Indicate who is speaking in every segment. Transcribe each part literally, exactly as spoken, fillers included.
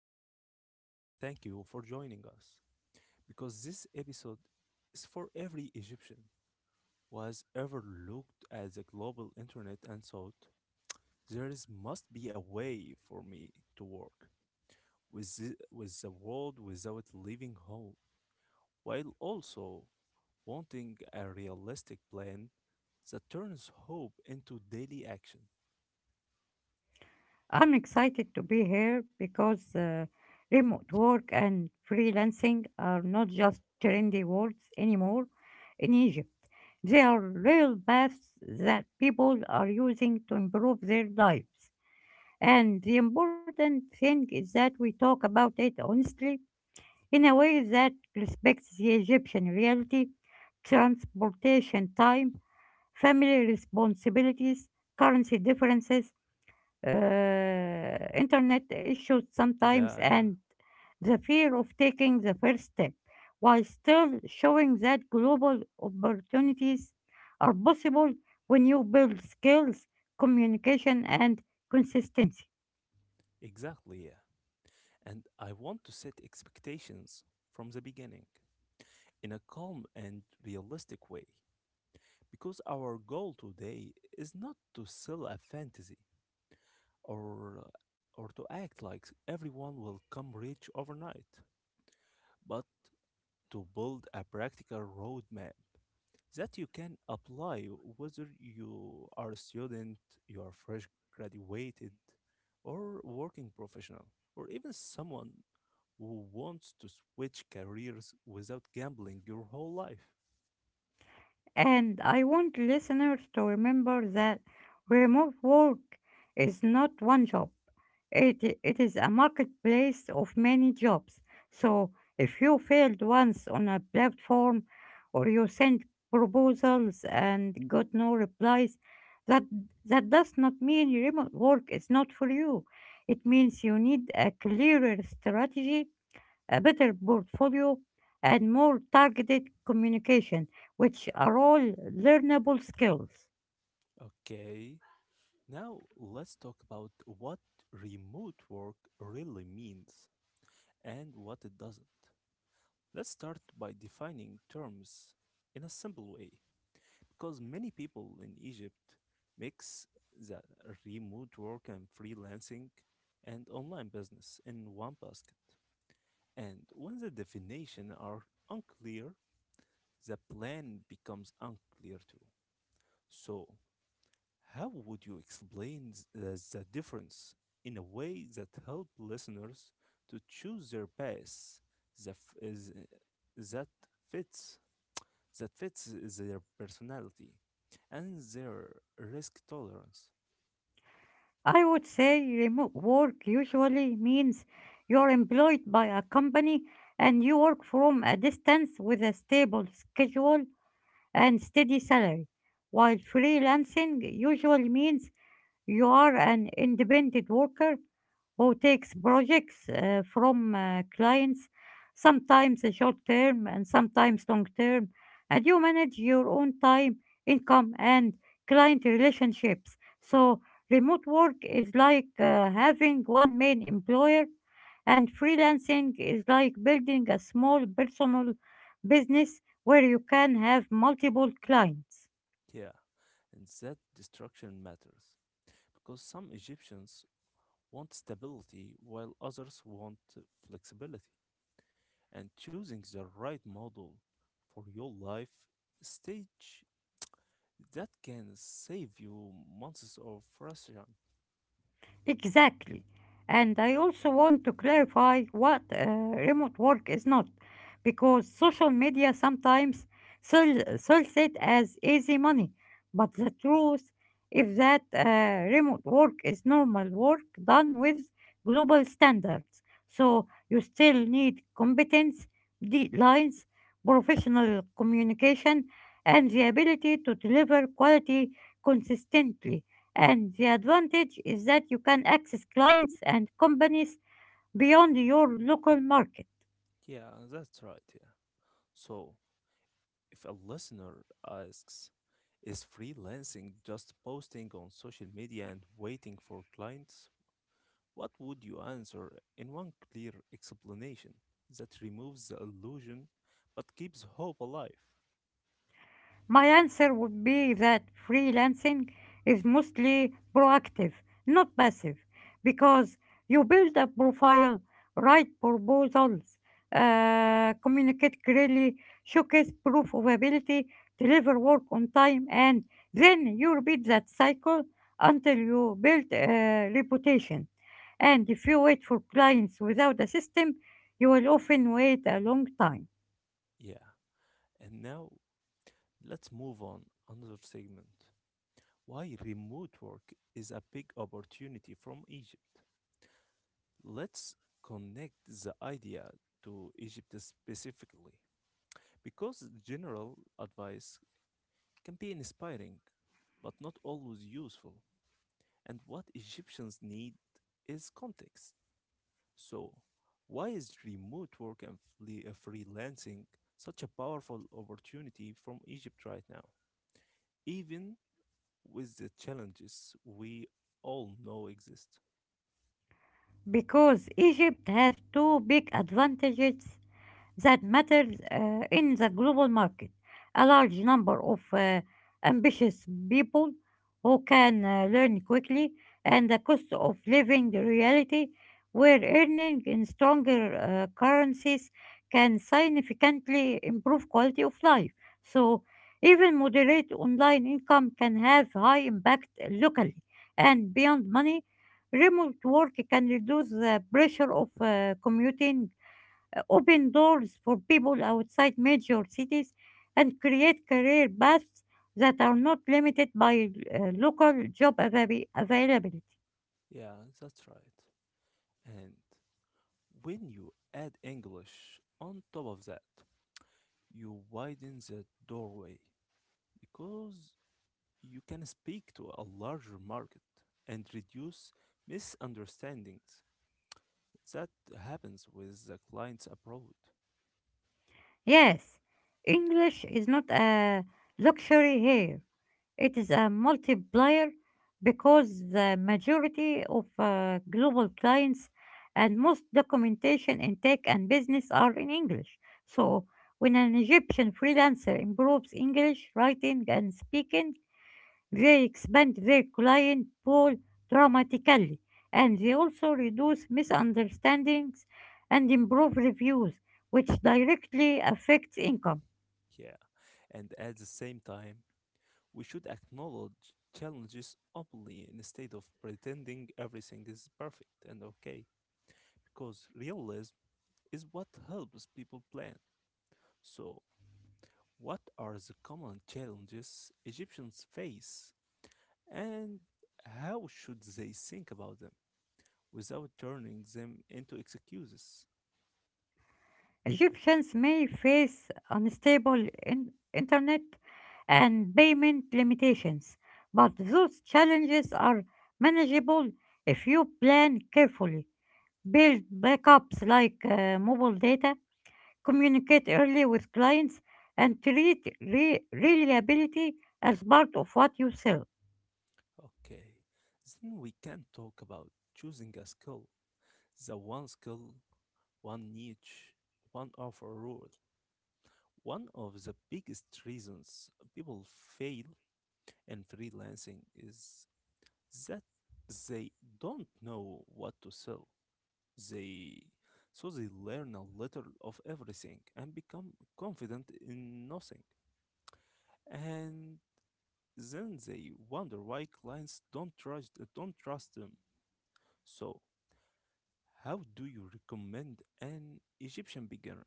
Speaker 1: and s- thank you for joining us because this episode is for every Egyptian who has ever looked at the global internet and thought there is must be a way for me to work with the, with the world without leaving home while also wanting a realistic plan that turns hope into daily action.
Speaker 2: I'm excited to be here because uh, remote work and freelancing are not just trendy words anymore in Egypt. They are real paths that people are using to improve their lives. And the important thing is that we talk about it honestly in a way that respects the Egyptian reality, transportation time, family responsibilities, currency differences, uh, internet issues sometimes
Speaker 1: Yeah, yeah,
Speaker 2: and the fear of taking the first step while still showing that global opportunities are possible when you build skills, communication, and consistency.
Speaker 1: exactly. Yeah. And I want to set expectations from the beginning in a calm and realistic way because our goal today is not to sell a fantasy or or to act like everyone will come rich overnight but to build a practical roadmap that you can apply whether you are a student, you are fresh graduated, or working professional, or even someone who wants to switch careers without gambling your whole life.
Speaker 2: And I want listeners to remember that remote work is not one job. It, i- it is a marketplace of many jobs. So if you failed once on a platform or you sent proposals and got no replies, that, that does not mean remote work is not for you. It means you need a clearer strategy, a better portfolio, and more targeted communication, which are all learnable skills.
Speaker 1: Okay, now let's talk about what remote work really means and what it doesn't. Let's start by defining terms in a simple way, because many people in Egypt mix the remote work and freelancing and online business in one basket. And when the definition are unclear, the plan becomes unclear too. So, how would you explain th- the, the difference in a way that help listeners to choose their path that, f- is, that fits that fits their personality and their risk tolerance?
Speaker 2: I would say remote work usually means you're employed by a company and you work from a distance with a stable schedule and steady salary, while freelancing usually means you are an independent worker who takes projects uh, from uh, clients, sometimes short term and sometimes long term, and you manage your own time, income, and client relationships. So, remote work is like uh, having one main employer, and freelancing is like building a small personal business where you can have multiple clients.
Speaker 1: Yeah, and that destruction matters because some Egyptians want stability while others want flexibility. And choosing the right model for your life stage that can save you months of frustration.
Speaker 2: Exactly. And I also want to clarify what uh, remote work is not, because social media sometimes sell- sells it as easy money. But the truth is that uh, remote work is normal work done with global standards. So you still need competence, deadlines, professional communication, and the ability to deliver quality consistently. And the advantage is that you can access clients and companies beyond your local market.
Speaker 1: Yeah, that's right. Yeah. So, if a listener asks, is freelancing just posting on social media and waiting for clients? What would you answer in one clear explanation that removes the illusion but keeps hope alive?
Speaker 2: My answer would be that freelancing is mostly proactive, not passive, because you build a profile, write proposals, uh, communicate clearly, showcase proof of ability, deliver work on time, and then you repeat that cycle until you build a reputation. And if you wait for clients without a system, you will often wait a long time.
Speaker 1: Yeah. And now let's move on another segment. Why remote work is a big opportunity from Egypt. Let's connect the idea to Egypt specifically because general advice can be inspiring, but not always useful. And what Egyptians need is context. So, why is remote work and fle- uh, freelancing such a powerful opportunity from Egypt right now, even with the challenges we all know exist?
Speaker 2: Because Egypt has two big advantages that matter uh, in the global market. A large number of uh, ambitious people who can uh, learn quickly and the cost of living reality where earning in stronger uh, currencies can significantly improve quality of life. So even moderate online income can have high impact locally and beyond money. Remote work can reduce the pressure of uh, commuting, uh, open doors for people outside major cities, and create career paths that are not limited by uh, local job avai- availability.
Speaker 1: Yeah, that's right. And when you add English on top of that, you widen the doorway because you can speak to a larger market and reduce misunderstandings that happens with the clients abroad.
Speaker 2: Yes, English is not a luxury here. It is a multiplier because the majority of uh, global clients and most documentation in tech and business are in English. So, when an Egyptian freelancer improves English writing and speaking, they expand their client pool dramatically and they also reduce misunderstandings and improve reviews, which directly affects income.
Speaker 1: Yeah. And at the same time we should acknowledge challenges openly instead of pretending everything is perfect and okay, because realism is what helps people plan. So what are the common challenges egyptians face and how should they think about them without turning them into excuses?
Speaker 2: Egyptians may face unstable in- internet and payment limitations, but those challenges are manageable if you plan carefully, build backups like uh, mobile data, communicate early with clients, and treat re- reliability as part of what you sell.
Speaker 1: Okay, then we can talk about choosing a skill. The one skill, one niche, one offer rule. One of the biggest reasons people fail in freelancing is that they don't know what to sell. They so they learn a little of everything and become confident in nothing. And then they wonder why clients don't trust don't trust them. So, how do you recommend an Egyptian beginner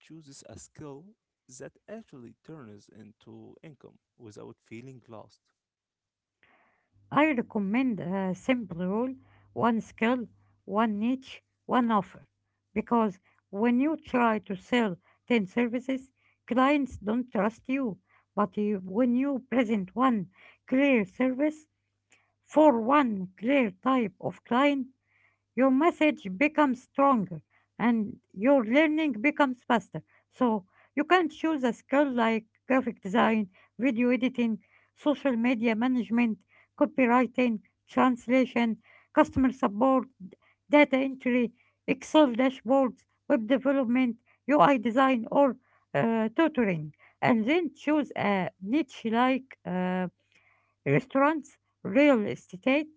Speaker 1: chooses a skill that actually turns into income without feeling lost?
Speaker 2: I recommend a simple rule: one skill, one niche, one offer. Because when you try to sell ten services, clients don't trust you. But you, when you present one clear service for one clear type of client, your message becomes stronger and your learning becomes faster. So you can choose a skill like graphic design, video editing, social media management, copywriting, translation, customer support, data entry, Excel dashboards, web development, U I design, or uh, tutoring. And then choose a niche like uh, restaurants, real estate,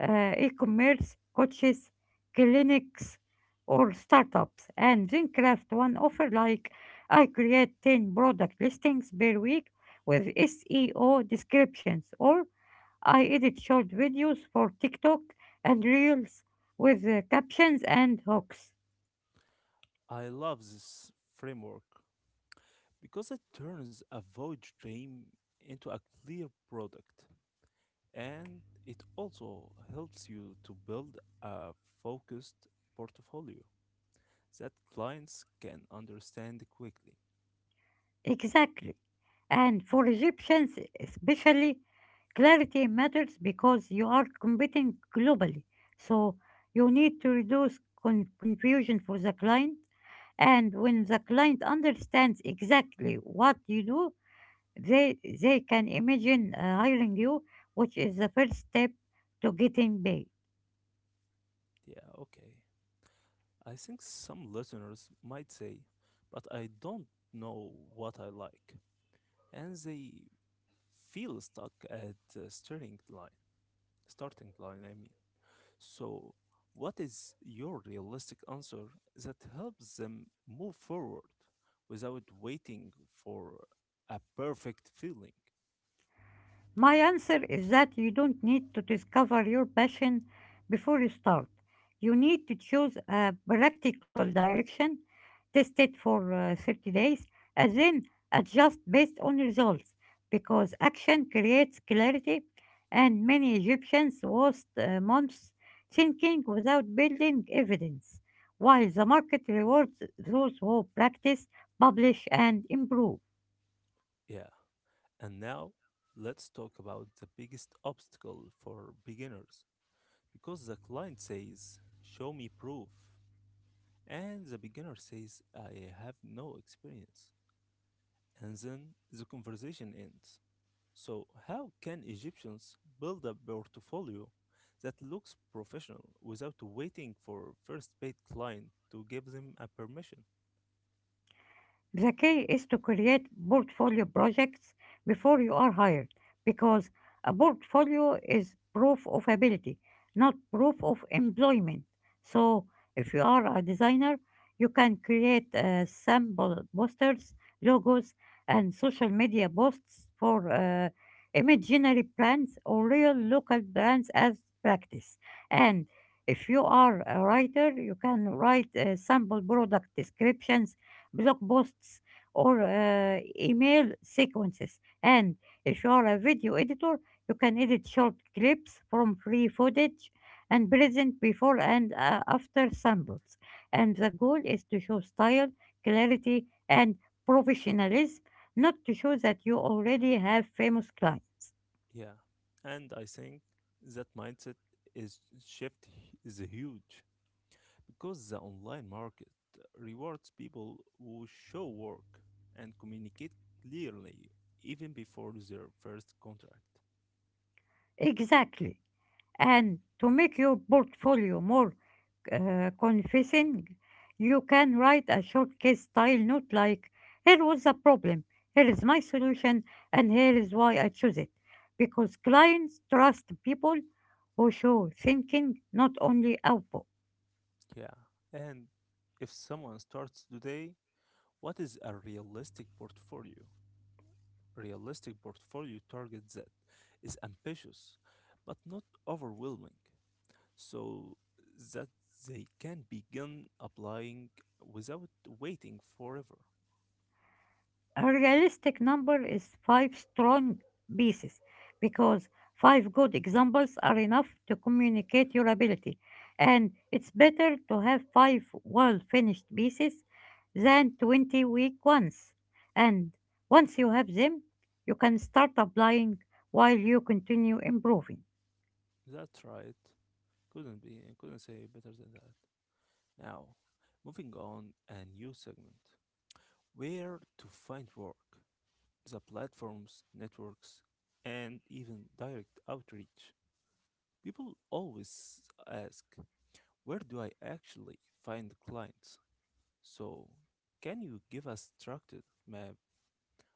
Speaker 2: uh, e-commerce, coaches, clinics, or startups. And then craft one offer like, I create ten product listings per week with S E O descriptions, or I edit short videos for TikTok and Reels with uh, captions and hooks.
Speaker 1: I love this framework because it turns a void dream into a clear product, and it also helps you to build a focused portfolio that clients can understand quickly.
Speaker 2: Exactly. And for Egyptians, especially, clarity matters because you are competing globally. So you need to reduce con- confusion for the client. And when the client understands exactly what you do, they, they can imagine uh, hiring you, which is the first step to getting paid.
Speaker 1: Yeah, okay. I think some listeners might say, but I don't know what I like. And they feel stuck at the starting line. Starting line, I mean. So, what is your realistic answer that helps them move forward without waiting for a perfect feeling?
Speaker 2: My answer is that you don't need to discover your passion before you start. You need to choose a practical direction, test it for uh, thirty days, and then adjust based on results because action creates clarity, and many Egyptians waste uh, months thinking without building evidence, while the market rewards those who practice, publish, and improve.
Speaker 1: Yeah. And now, let's talk about the biggest obstacle for beginners because the client says, show me proof. And the beginner says, I have no experience. And then the conversation ends. So, how can Egyptians build a portfolio that looks professional without waiting for first paid client to give them a permission?
Speaker 2: The key is to create portfolio projects before you are hired because a portfolio is proof of ability, not proof of employment. So, if you are a designer, you can create uh, sample posters, logos, and social media posts for uh, imaginary brands or real local brands as practice. And if you are a writer, you can write uh, sample product descriptions, blog posts, or uh, email sequences. And if you are a video editor, you can edit short clips from free footage and present before and uh, after samples. And the goal is to show style, clarity, and professionalism, not to show that you already have famous clients.
Speaker 1: Yeah, and I think that mindset is shift is huge because the online market rewards people who show work and communicate clearly even before their first contract.
Speaker 2: Exactly. And to make your portfolio more uh, confessing, you can write a short case style note like, here was the problem, here is my solution, and here is why I chose it. Because clients trust people who show thinking, not only output.
Speaker 1: Yeah. And if someone starts today, what is a realistic portfolio? Realistic portfolio targets that is ambitious but not overwhelming so that they can begin applying without waiting forever.
Speaker 2: A realistic number is five strong pieces because five good examples are enough to communicate your ability. And it's better to have five well finished pieces than twenty weak ones. And once you have them, you can start applying while you continue improving.
Speaker 1: That's right. Couldn't be, couldn't say better than that. Now, moving on, a new segment. Where to find work, the platforms, networks, and even direct outreach. People always ask, where do I actually find clients? So, can you give a structured map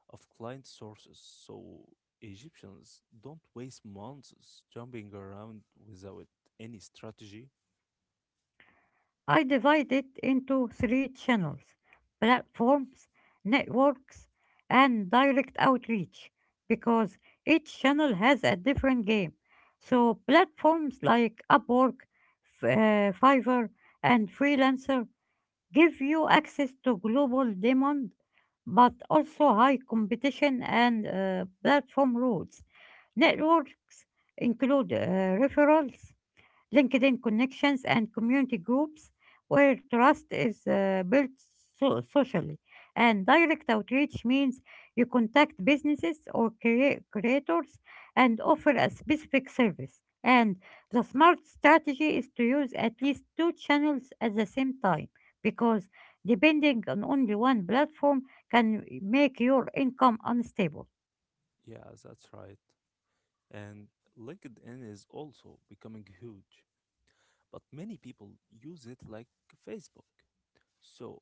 Speaker 1: of client sources so Egyptians don't waste months jumping around without any strategy?
Speaker 2: I divide it into three channels: platforms, networks, and direct outreach, because each channel has a different game. So, platforms like Upwork, F- uh, Fiverr, and Freelancer give you access to global demand but also high competition and uh, platform rules. Networks include uh, referrals, LinkedIn connections and community groups where trust is uh, built so- socially. And direct outreach means you contact businesses or crea- creators and offer a specific service. And the smart strategy is to use at least two channels at the same time because depending on only one platform can make your income unstable.
Speaker 1: Yeah, that's right. And LinkedIn is also becoming huge, but many people use it like Facebook. So,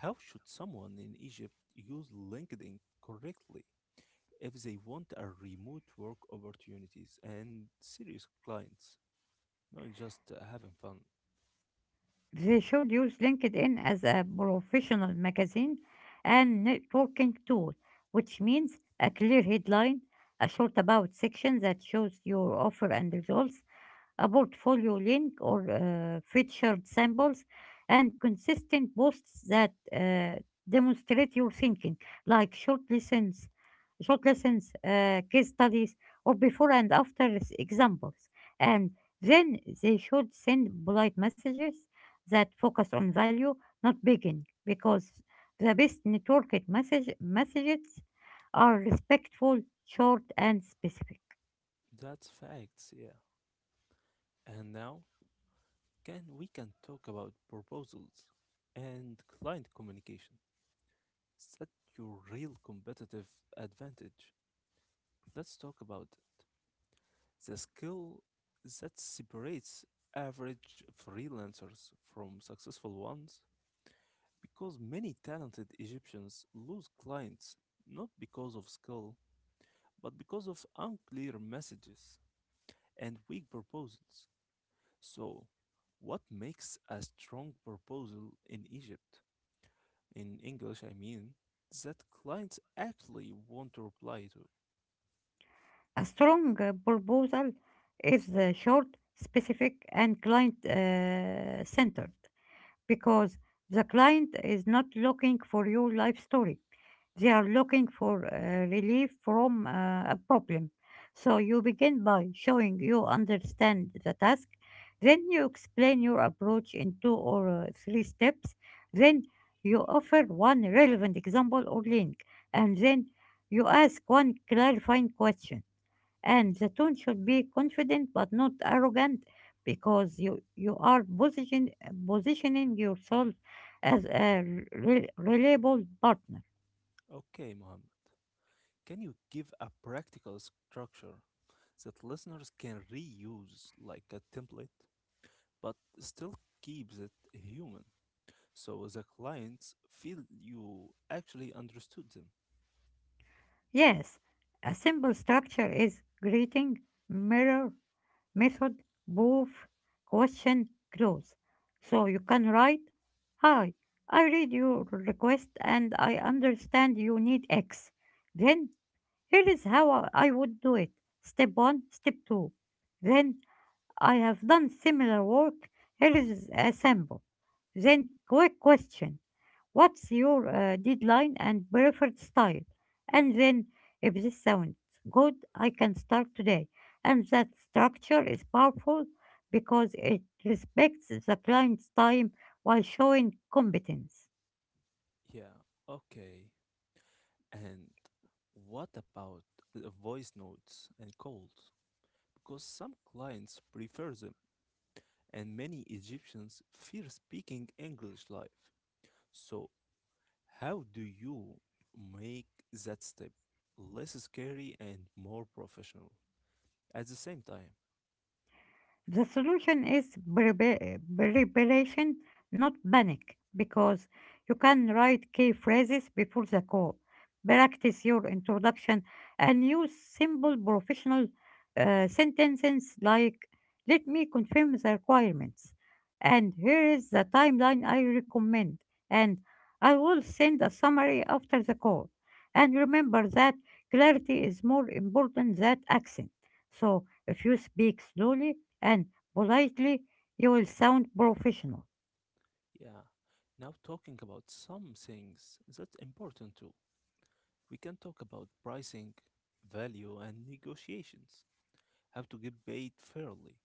Speaker 1: how should someone in Egypt use LinkedIn correctly if they want a remote work opportunities and serious clients, not just uh, having fun?
Speaker 2: They should use LinkedIn as a professional magazine and networking tool, which means a clear headline, a short about section that shows your offer and results, a portfolio link or uh, featured samples, and consistent posts that uh, demonstrate your thinking, like short lessons, short lessons, uh, case studies, or before and after s- examples. And then they should send polite messages that focus on value, not begging, because the best networked message messages are respectful, short, and specific.
Speaker 1: That's facts, yeah. And now, can we can talk about proposals and client communication? Set your real competitive advantage. Let's talk about it. The skill that separates average freelancers from successful ones, because many talented Egyptians lose clients not because of skill, but because of unclear messages and weak proposals. So, what makes a strong proposal in Egypt? In English, I mean, that clients actually want to reply to.
Speaker 2: A strong uh, proposal is uh, short, specific, and client uh, centered because the client is not looking for your life story. They are looking for uh, relief from uh, a problem. So you begin by showing you understand the task, then you explain your approach in two or uh, three steps, then you offer one relevant example or link, and then you ask one clarifying question. And the tone should be confident but not arrogant because you, you are position, positioning yourself as a re- reliable partner.
Speaker 1: Okay, Mohammed, can you give a practical structure that listeners can reuse like a template, but still keeps it human so the clients feel you actually understood them?
Speaker 2: Yes, a simple structure is greeting, mirror, method, proof, question, close. So you can write, Hi, I read your request and I understand you need X. Then here is how I I would do it. Step one, step two. Then I have done similar work. Here is a sample. Then, quick question. What's your uh, deadline and preferred style? And then, if this sounds good, I can start today. And that structure is powerful because it respects the client's time while showing competence.
Speaker 1: Yeah, okay. And what about uh, voice notes and calls? Because some clients prefer them, and many Egyptians fear speaking English live. So how do you make that step less scary and more professional at the same time?
Speaker 2: The solution is prepar- preparation, not panic, because you can write key phrases before the call, practice your introduction, and use simple professional uh, sentences like, let me confirm the requirements, and here is the timeline I recommend, and I will send a summary after the call. And remember that clarity is more important than accent. So if you speak slowly, and politely, you will sound professional.
Speaker 1: Yeah. Now talking about some things that's important too. We can talk about pricing, value and negotiations. How to get paid fairly.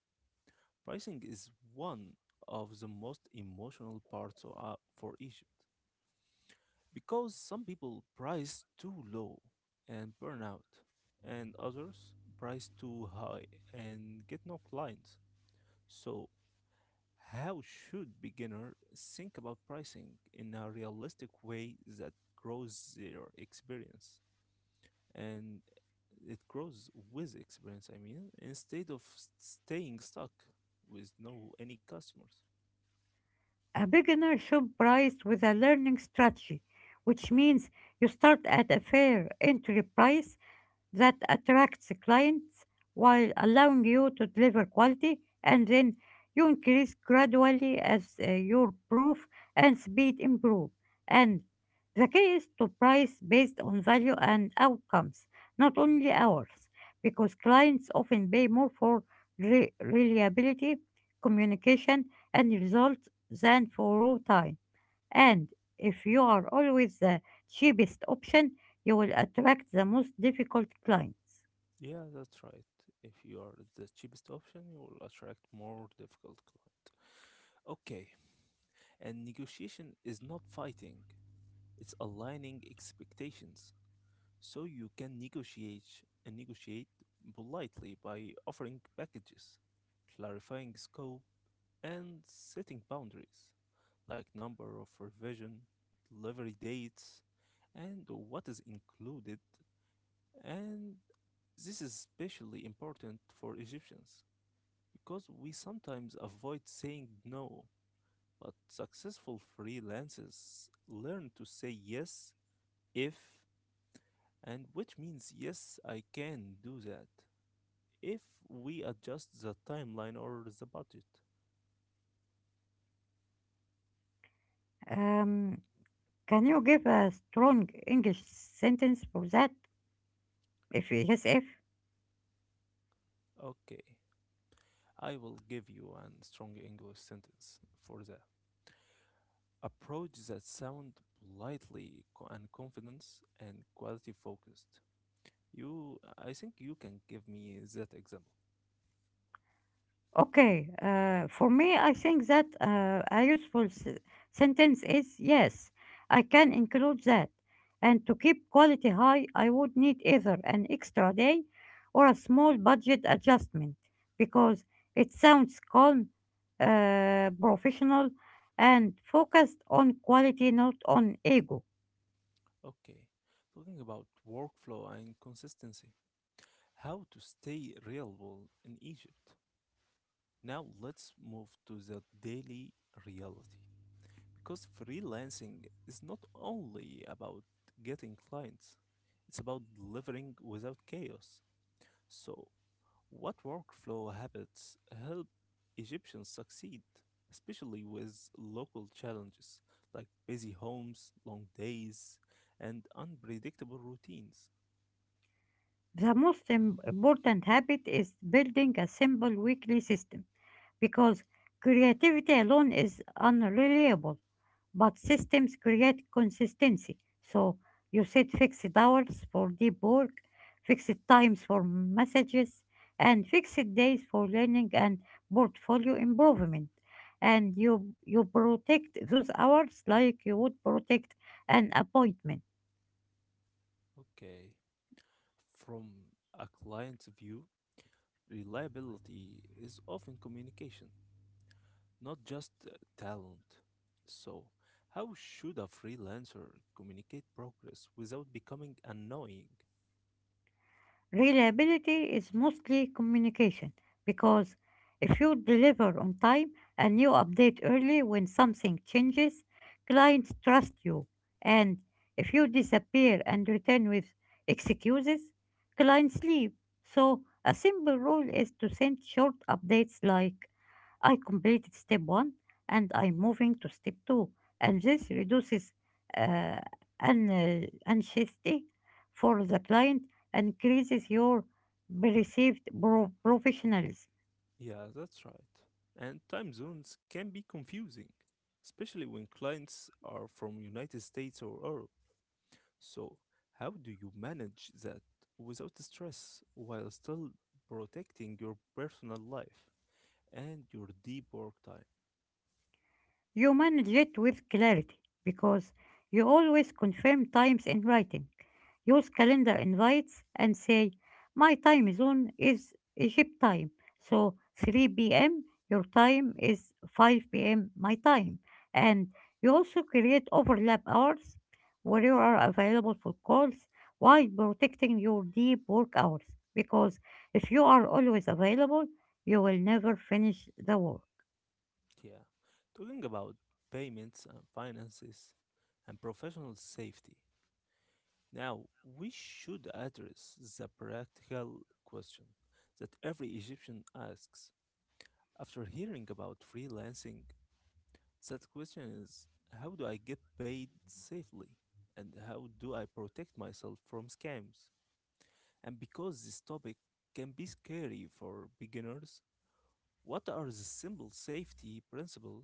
Speaker 1: Pricing is one of the most emotional parts o- uh, for Egypt, because some people price too low and burn out, and others price too high and get no clients. So, how should beginner think about pricing in a realistic way that grows their experience and it grows with experience, I mean, instead of s- staying stuck with no any customers?
Speaker 2: A beginner should price with a learning strategy, which means you start at a fair entry price that attracts clients while allowing you to deliver quality, and then you increase gradually as uh, your proof and speed improve. And the key is to price based on value and outcomes, not only hours, because clients often pay more for re- reliability, communication, and results than for raw time. And if you are always the cheapest option, you will attract the most difficult clients.
Speaker 1: Yeah, that's right. If you are the cheapest option, you will attract more difficult clients. Okay, and negotiation is not fighting, it's aligning expectations. So you can negotiate and negotiate politely by offering packages, clarifying scope, and setting boundaries, like number of revision, delivery dates, and what is included. And this is especially important for Egyptians because we sometimes avoid saying no but successful freelancers learn to say yes if, and which means yes, I can do that if we adjust the timeline or the budget.
Speaker 2: Um, can you give a strong English sentence for that? If yes, if.
Speaker 1: Okay, I will give you a strong English sentence for the approach that sound politely co- and confidence and quality focused. You, I think you can give me that example.
Speaker 2: Okay, uh, for me, I think that uh, a useful s- sentence is, yes, I can include that. And to keep quality high, I would need either an extra day or a small budget adjustment because it sounds calm, uh, professional, and focused on quality, not on ego.
Speaker 1: Okay, talking about workflow and consistency. How to stay reliable in Egypt. Now let's move to the daily reality because freelancing is not only about getting clients, it's about delivering without chaos. So, what workflow habits help Egyptians succeed, especially with local challenges like busy homes, long days, and unpredictable routines?
Speaker 2: The most im- important habit is building a simple weekly system because creativity alone is unreliable, but systems create consistency. So you set fixed hours for deep work, fixed times for messages, and fixed days for learning and portfolio improvement. And you you protect those hours like you would protect an appointment.
Speaker 1: Okay. From a client's view, reliability is often communication, not just uh, talent. So, how should a freelancer communicate progress without becoming annoying?
Speaker 2: Reliability is mostly communication because if you deliver on time and you update early when something changes, clients trust you. And if you disappear and return with excuses, clients leave. So a simple rule is to send short updates like I completed step one and I'm moving to step two. And this reduces uh, an, uh, anxiety for the client increases your perceived pro- professionalism.
Speaker 1: Yeah, that's right. And time zones can be confusing, especially when clients are from United States or Europe. So, how do you manage that without stress while still protecting your personal life and your deep work time?
Speaker 2: You manage it with clarity because you always confirm times in writing. Use calendar invites and say, my time zone is Egypt time. So three p m your time is five p m my time. And you also create overlap hours where you are available for calls while protecting your deep work hours. Because if you are always available, you will never finish the work.
Speaker 1: Yeah. Talking about payments and finances and professional safety. Now, we should address the practical question that every Egyptian asks. After hearing about freelancing, that question is how do I get paid safely? And how do I protect myself from scams? And because this topic can be scary for beginners, what are the simple safety principles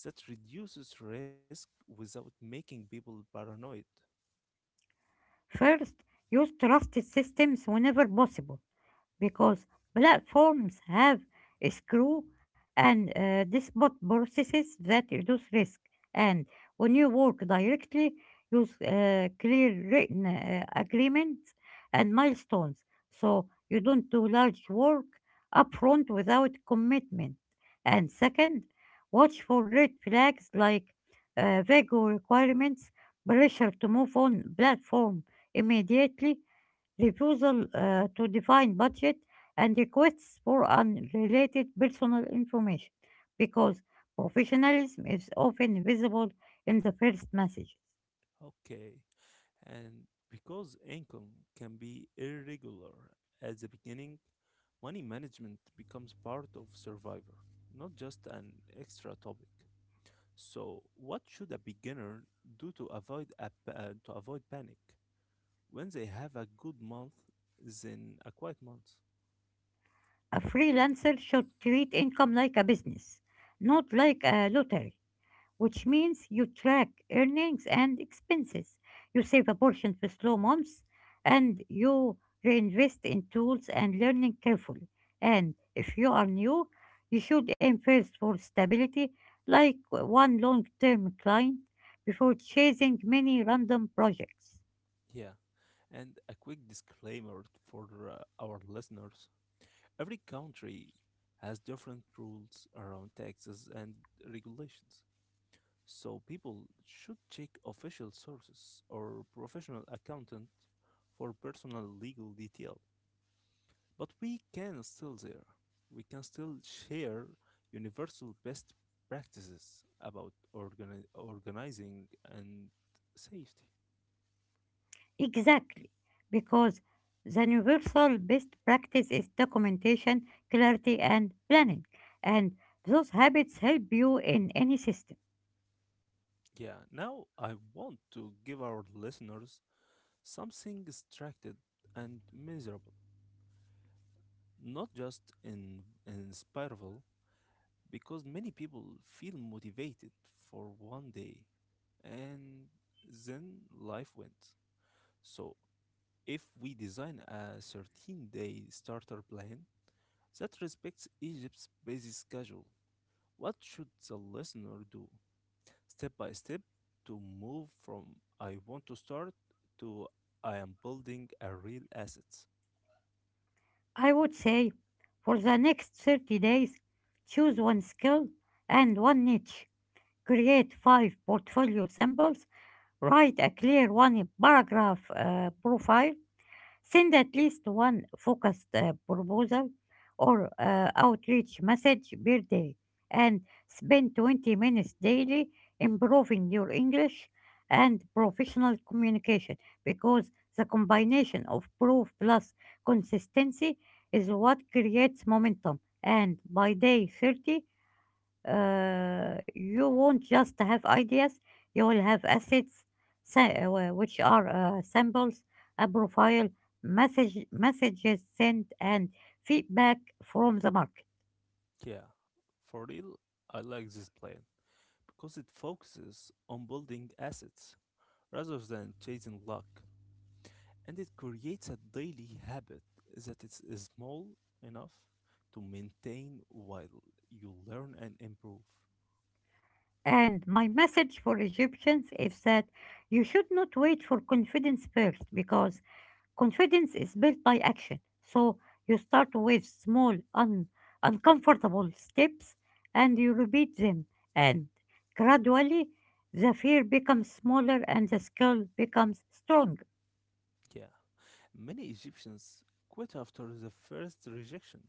Speaker 1: that reduces risk without making people paranoid?
Speaker 2: First, use trusted systems whenever possible, because platforms have a screw and uh, this bot processes that reduce risk. And when you work directly, use uh, clear written uh, agreements and milestones so you don't do large work upfront without commitment. And second, watch for red flags like uh, vague requirements, pressure to move on platform immediately, refusal uh, to define budget, and requests for unrelated personal information because professionalism is often visible in the first message.
Speaker 1: Okay. And because income can be irregular at the beginning, money management becomes part of survivor, not just an extra topic. So, what should a beginner do to avoid a, pa- uh, to avoid panic when they have a good month, then a quiet month?
Speaker 2: A freelancer should treat income like a business, not like a lottery, which means you track earnings and expenses. You save a portion for slow months and you reinvest in tools and learning carefully. And if you are new, you should aim first for stability, like one long term client, before chasing many random projects.
Speaker 1: Yeah. And a quick disclaimer for uh, our listeners. Every country has different rules around taxes and regulations, so people should check official sources or professional accountant for personal legal detail. But we can still there. We can still share universal best practices about organi- organizing and safety.
Speaker 2: Exactly, because the universal best practice is documentation, clarity, and planning. And those habits help you in any system.
Speaker 1: Yeah, now I want to give our listeners something distracted and miserable, not just in, inspirable, because many people feel motivated for one day and then life went. So if we design a thirteen day starter plan that respects egypt's busy schedule, what should the listener do step by step to move from I want to start to I am building a real asset?
Speaker 2: I would say for the next thirty days, choose one skill and one niche. Create five portfolio samples, write a clear one paragraph uh, profile, send at least one focused uh, proposal or uh, outreach message per day and spend twenty minutes daily improving your English and professional communication because the combination of proof plus consistency is what creates momentum. And by day thirty, uh, you won't just have ideas, you will have assets, sa- uh, which are uh, samples, a profile, message, messages sent, and feedback from the market.
Speaker 1: Yeah, for real, I like this plan because it focuses on building assets rather than chasing luck, and it creates a daily habit that is small enough to maintain while you learn and improve.
Speaker 2: And my message for Egyptians is that you should not wait for confidence first because confidence is built by action. So you start with small, un- uncomfortable steps and you repeat them. And gradually, the fear becomes smaller and the skill becomes stronger.
Speaker 1: Yeah. Many Egyptians quit after the first rejection,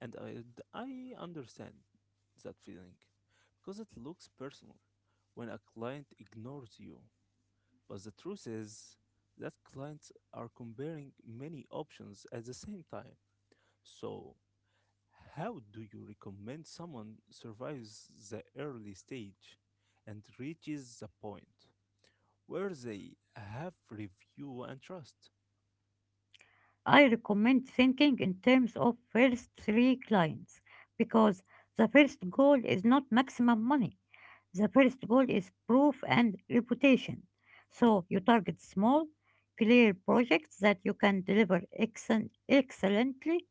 Speaker 1: and I, d- I understand that feeling because it looks personal when a client ignores you. But the truth is that clients are comparing many options at the same time. So, how do you recommend someone survives the early stage and reaches the point where they have review and trust?
Speaker 2: I recommend thinking in terms of first three clients because the first goal is not maximum money. The first goal is proof and reputation. So you target small, clear projects that you can deliver excellent, excellently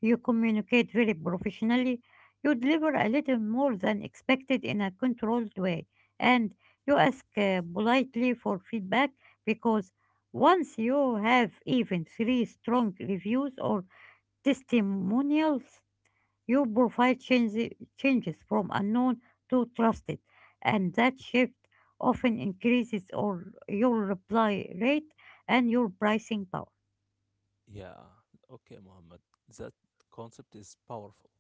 Speaker 2: you communicate very professionally. You deliver a little more than expected in a controlled way. And you ask uh, politely for feedback because once you have even three strong reviews or testimonials, your profile changes, changes from unknown to trusted. And that shift often increases or your reply rate and your pricing power.
Speaker 1: Yeah, okay, Mohammed, that concept is powerful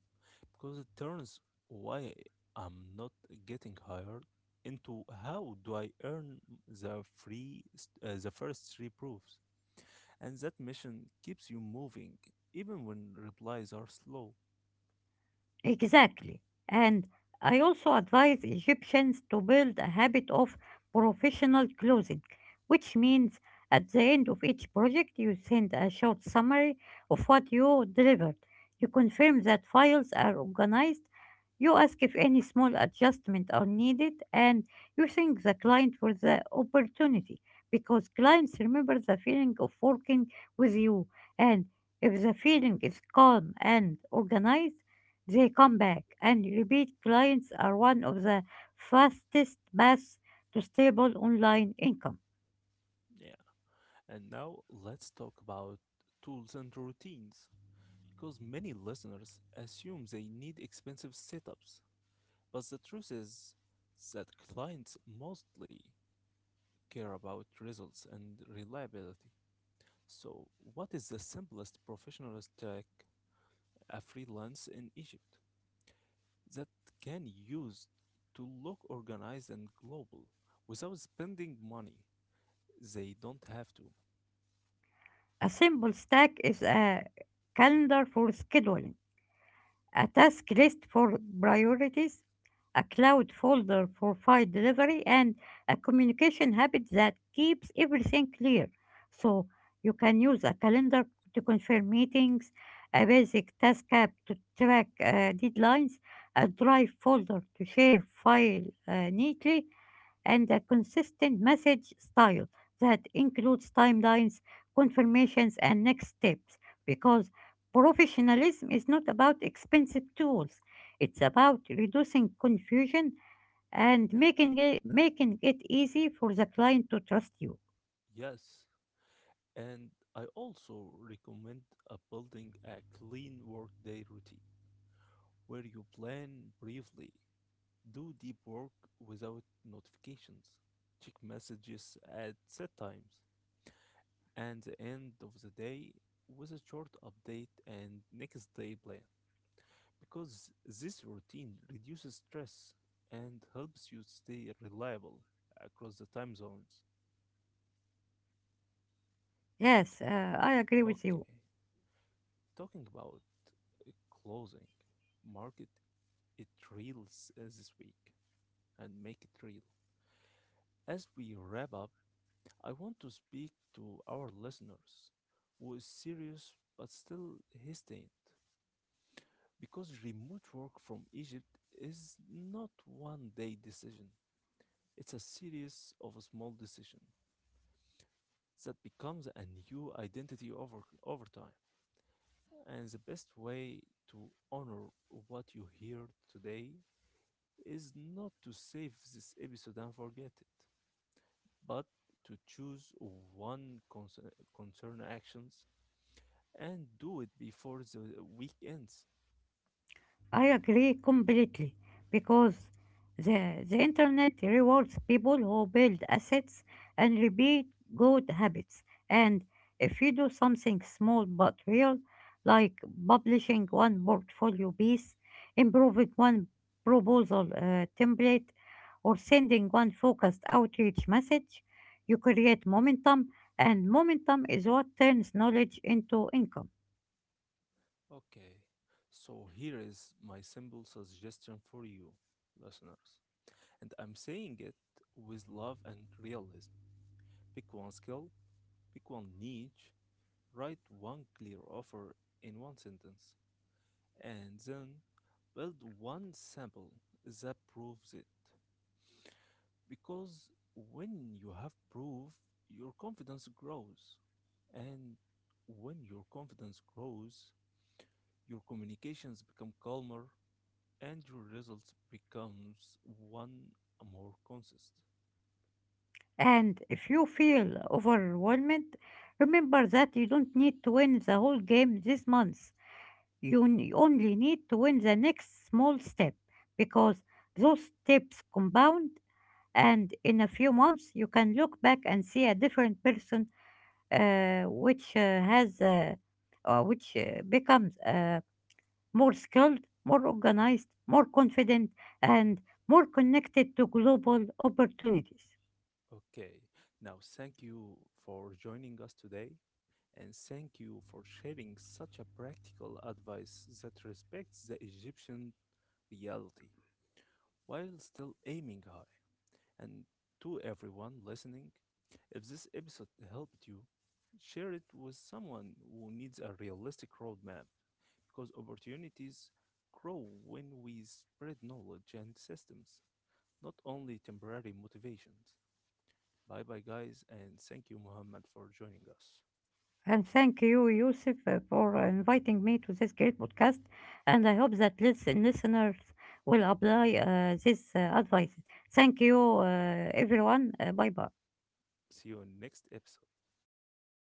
Speaker 1: because it turns why I'm not getting hired into how do I earn the free st- uh, the first three proofs, and that mission keeps you moving even when replies are slow.
Speaker 2: Exactly. And I also advise Egyptians to build a habit of professional closing, which means at the end of each project, you send a short summary of what you delivered. You confirm that files are organized, you ask if any small adjustment are needed, and you thank the client for the opportunity because clients remember the feeling of working with you. And if the feeling is calm and organized, they come back, and repeat clients are one of the fastest paths to stable online income.
Speaker 1: Yeah. And now let's talk about tools and routines because many listeners assume they need expensive setups, but the truth is that clients mostly care about results and reliability. So, what is the simplest professional stack a freelance in Egypt that can use to look organized and global without spending money they don't have to?
Speaker 2: A simple stack is a calendar for scheduling, a task list for priorities, a cloud folder for file delivery, and a communication habit that keeps everything clear. So you can use a calendar to confirm meetings, a basic task app to track uh, deadlines, a drive folder to share file uh, neatly, and a consistent message style that includes timelines, confirmations, and next steps because professionalism is not about expensive tools. It's about reducing confusion and making it, making it easy for the client to trust you.
Speaker 1: Yes, and I also recommend a building a clean workday routine where you plan briefly, do deep work without notifications, check messages at set times and the end of the day with a short update and next day plan, because this routine reduces stress and helps you stay reliable across the time zones.
Speaker 2: Yes, uh, I agree with
Speaker 1: Okay,
Speaker 2: you.
Speaker 1: talking about uh, closing, market it reels uh, this week and make it real. As we wrap up, I want to speak to our listeners who is serious but still hesitant because remote work from Egypt is not one day decision. It's a series of small decisions that becomes a new identity over over time. And the best way to honor what you hear today is not to save this episode and forget it, but to choose one concern, concern actions and do it before the week ends.
Speaker 2: I agree completely because the, the internet rewards people who build assets and repeat good habits. And if you do something small but real, like publishing one portfolio piece, improving one proposal uh, template, or sending one focused outreach message, you create momentum, and momentum is what turns knowledge into income.
Speaker 1: Okay, so here is my simple suggestion for you, listeners. And I'm saying it with love and realism. Pick one skill, pick one niche, write one clear offer in one sentence and then build one sample that proves it. Because when you have proof, your confidence grows. And when your confidence grows, your communications become calmer and your results becomes one more consistent.
Speaker 2: And if you feel overwhelmed, remember that you don't need to win the whole game this month. You n- only need to win the next small step because those steps compound. And in a few months, you can look back and see a different person, uh, which uh, has, uh, uh, which uh, becomes uh, more skilled, more organized, more confident, and more connected to global opportunities.
Speaker 1: Okay. Now, thank you for joining us today. And thank you for sharing such a practical advice that respects the Egyptian reality while still aiming high. And to everyone listening, if this episode helped you, share it with someone who needs a realistic roadmap because opportunities grow when we spread knowledge and systems, not only temporary motivations. Bye bye, guys, and thank you, Muhammad, for joining us.
Speaker 2: And thank you, Yusuf, uh, for inviting me to this great podcast. And I hope that listen, listeners will apply uh, this uh, advice. Thank you, uh, everyone. Uh, bye bye.
Speaker 1: See you in next episode.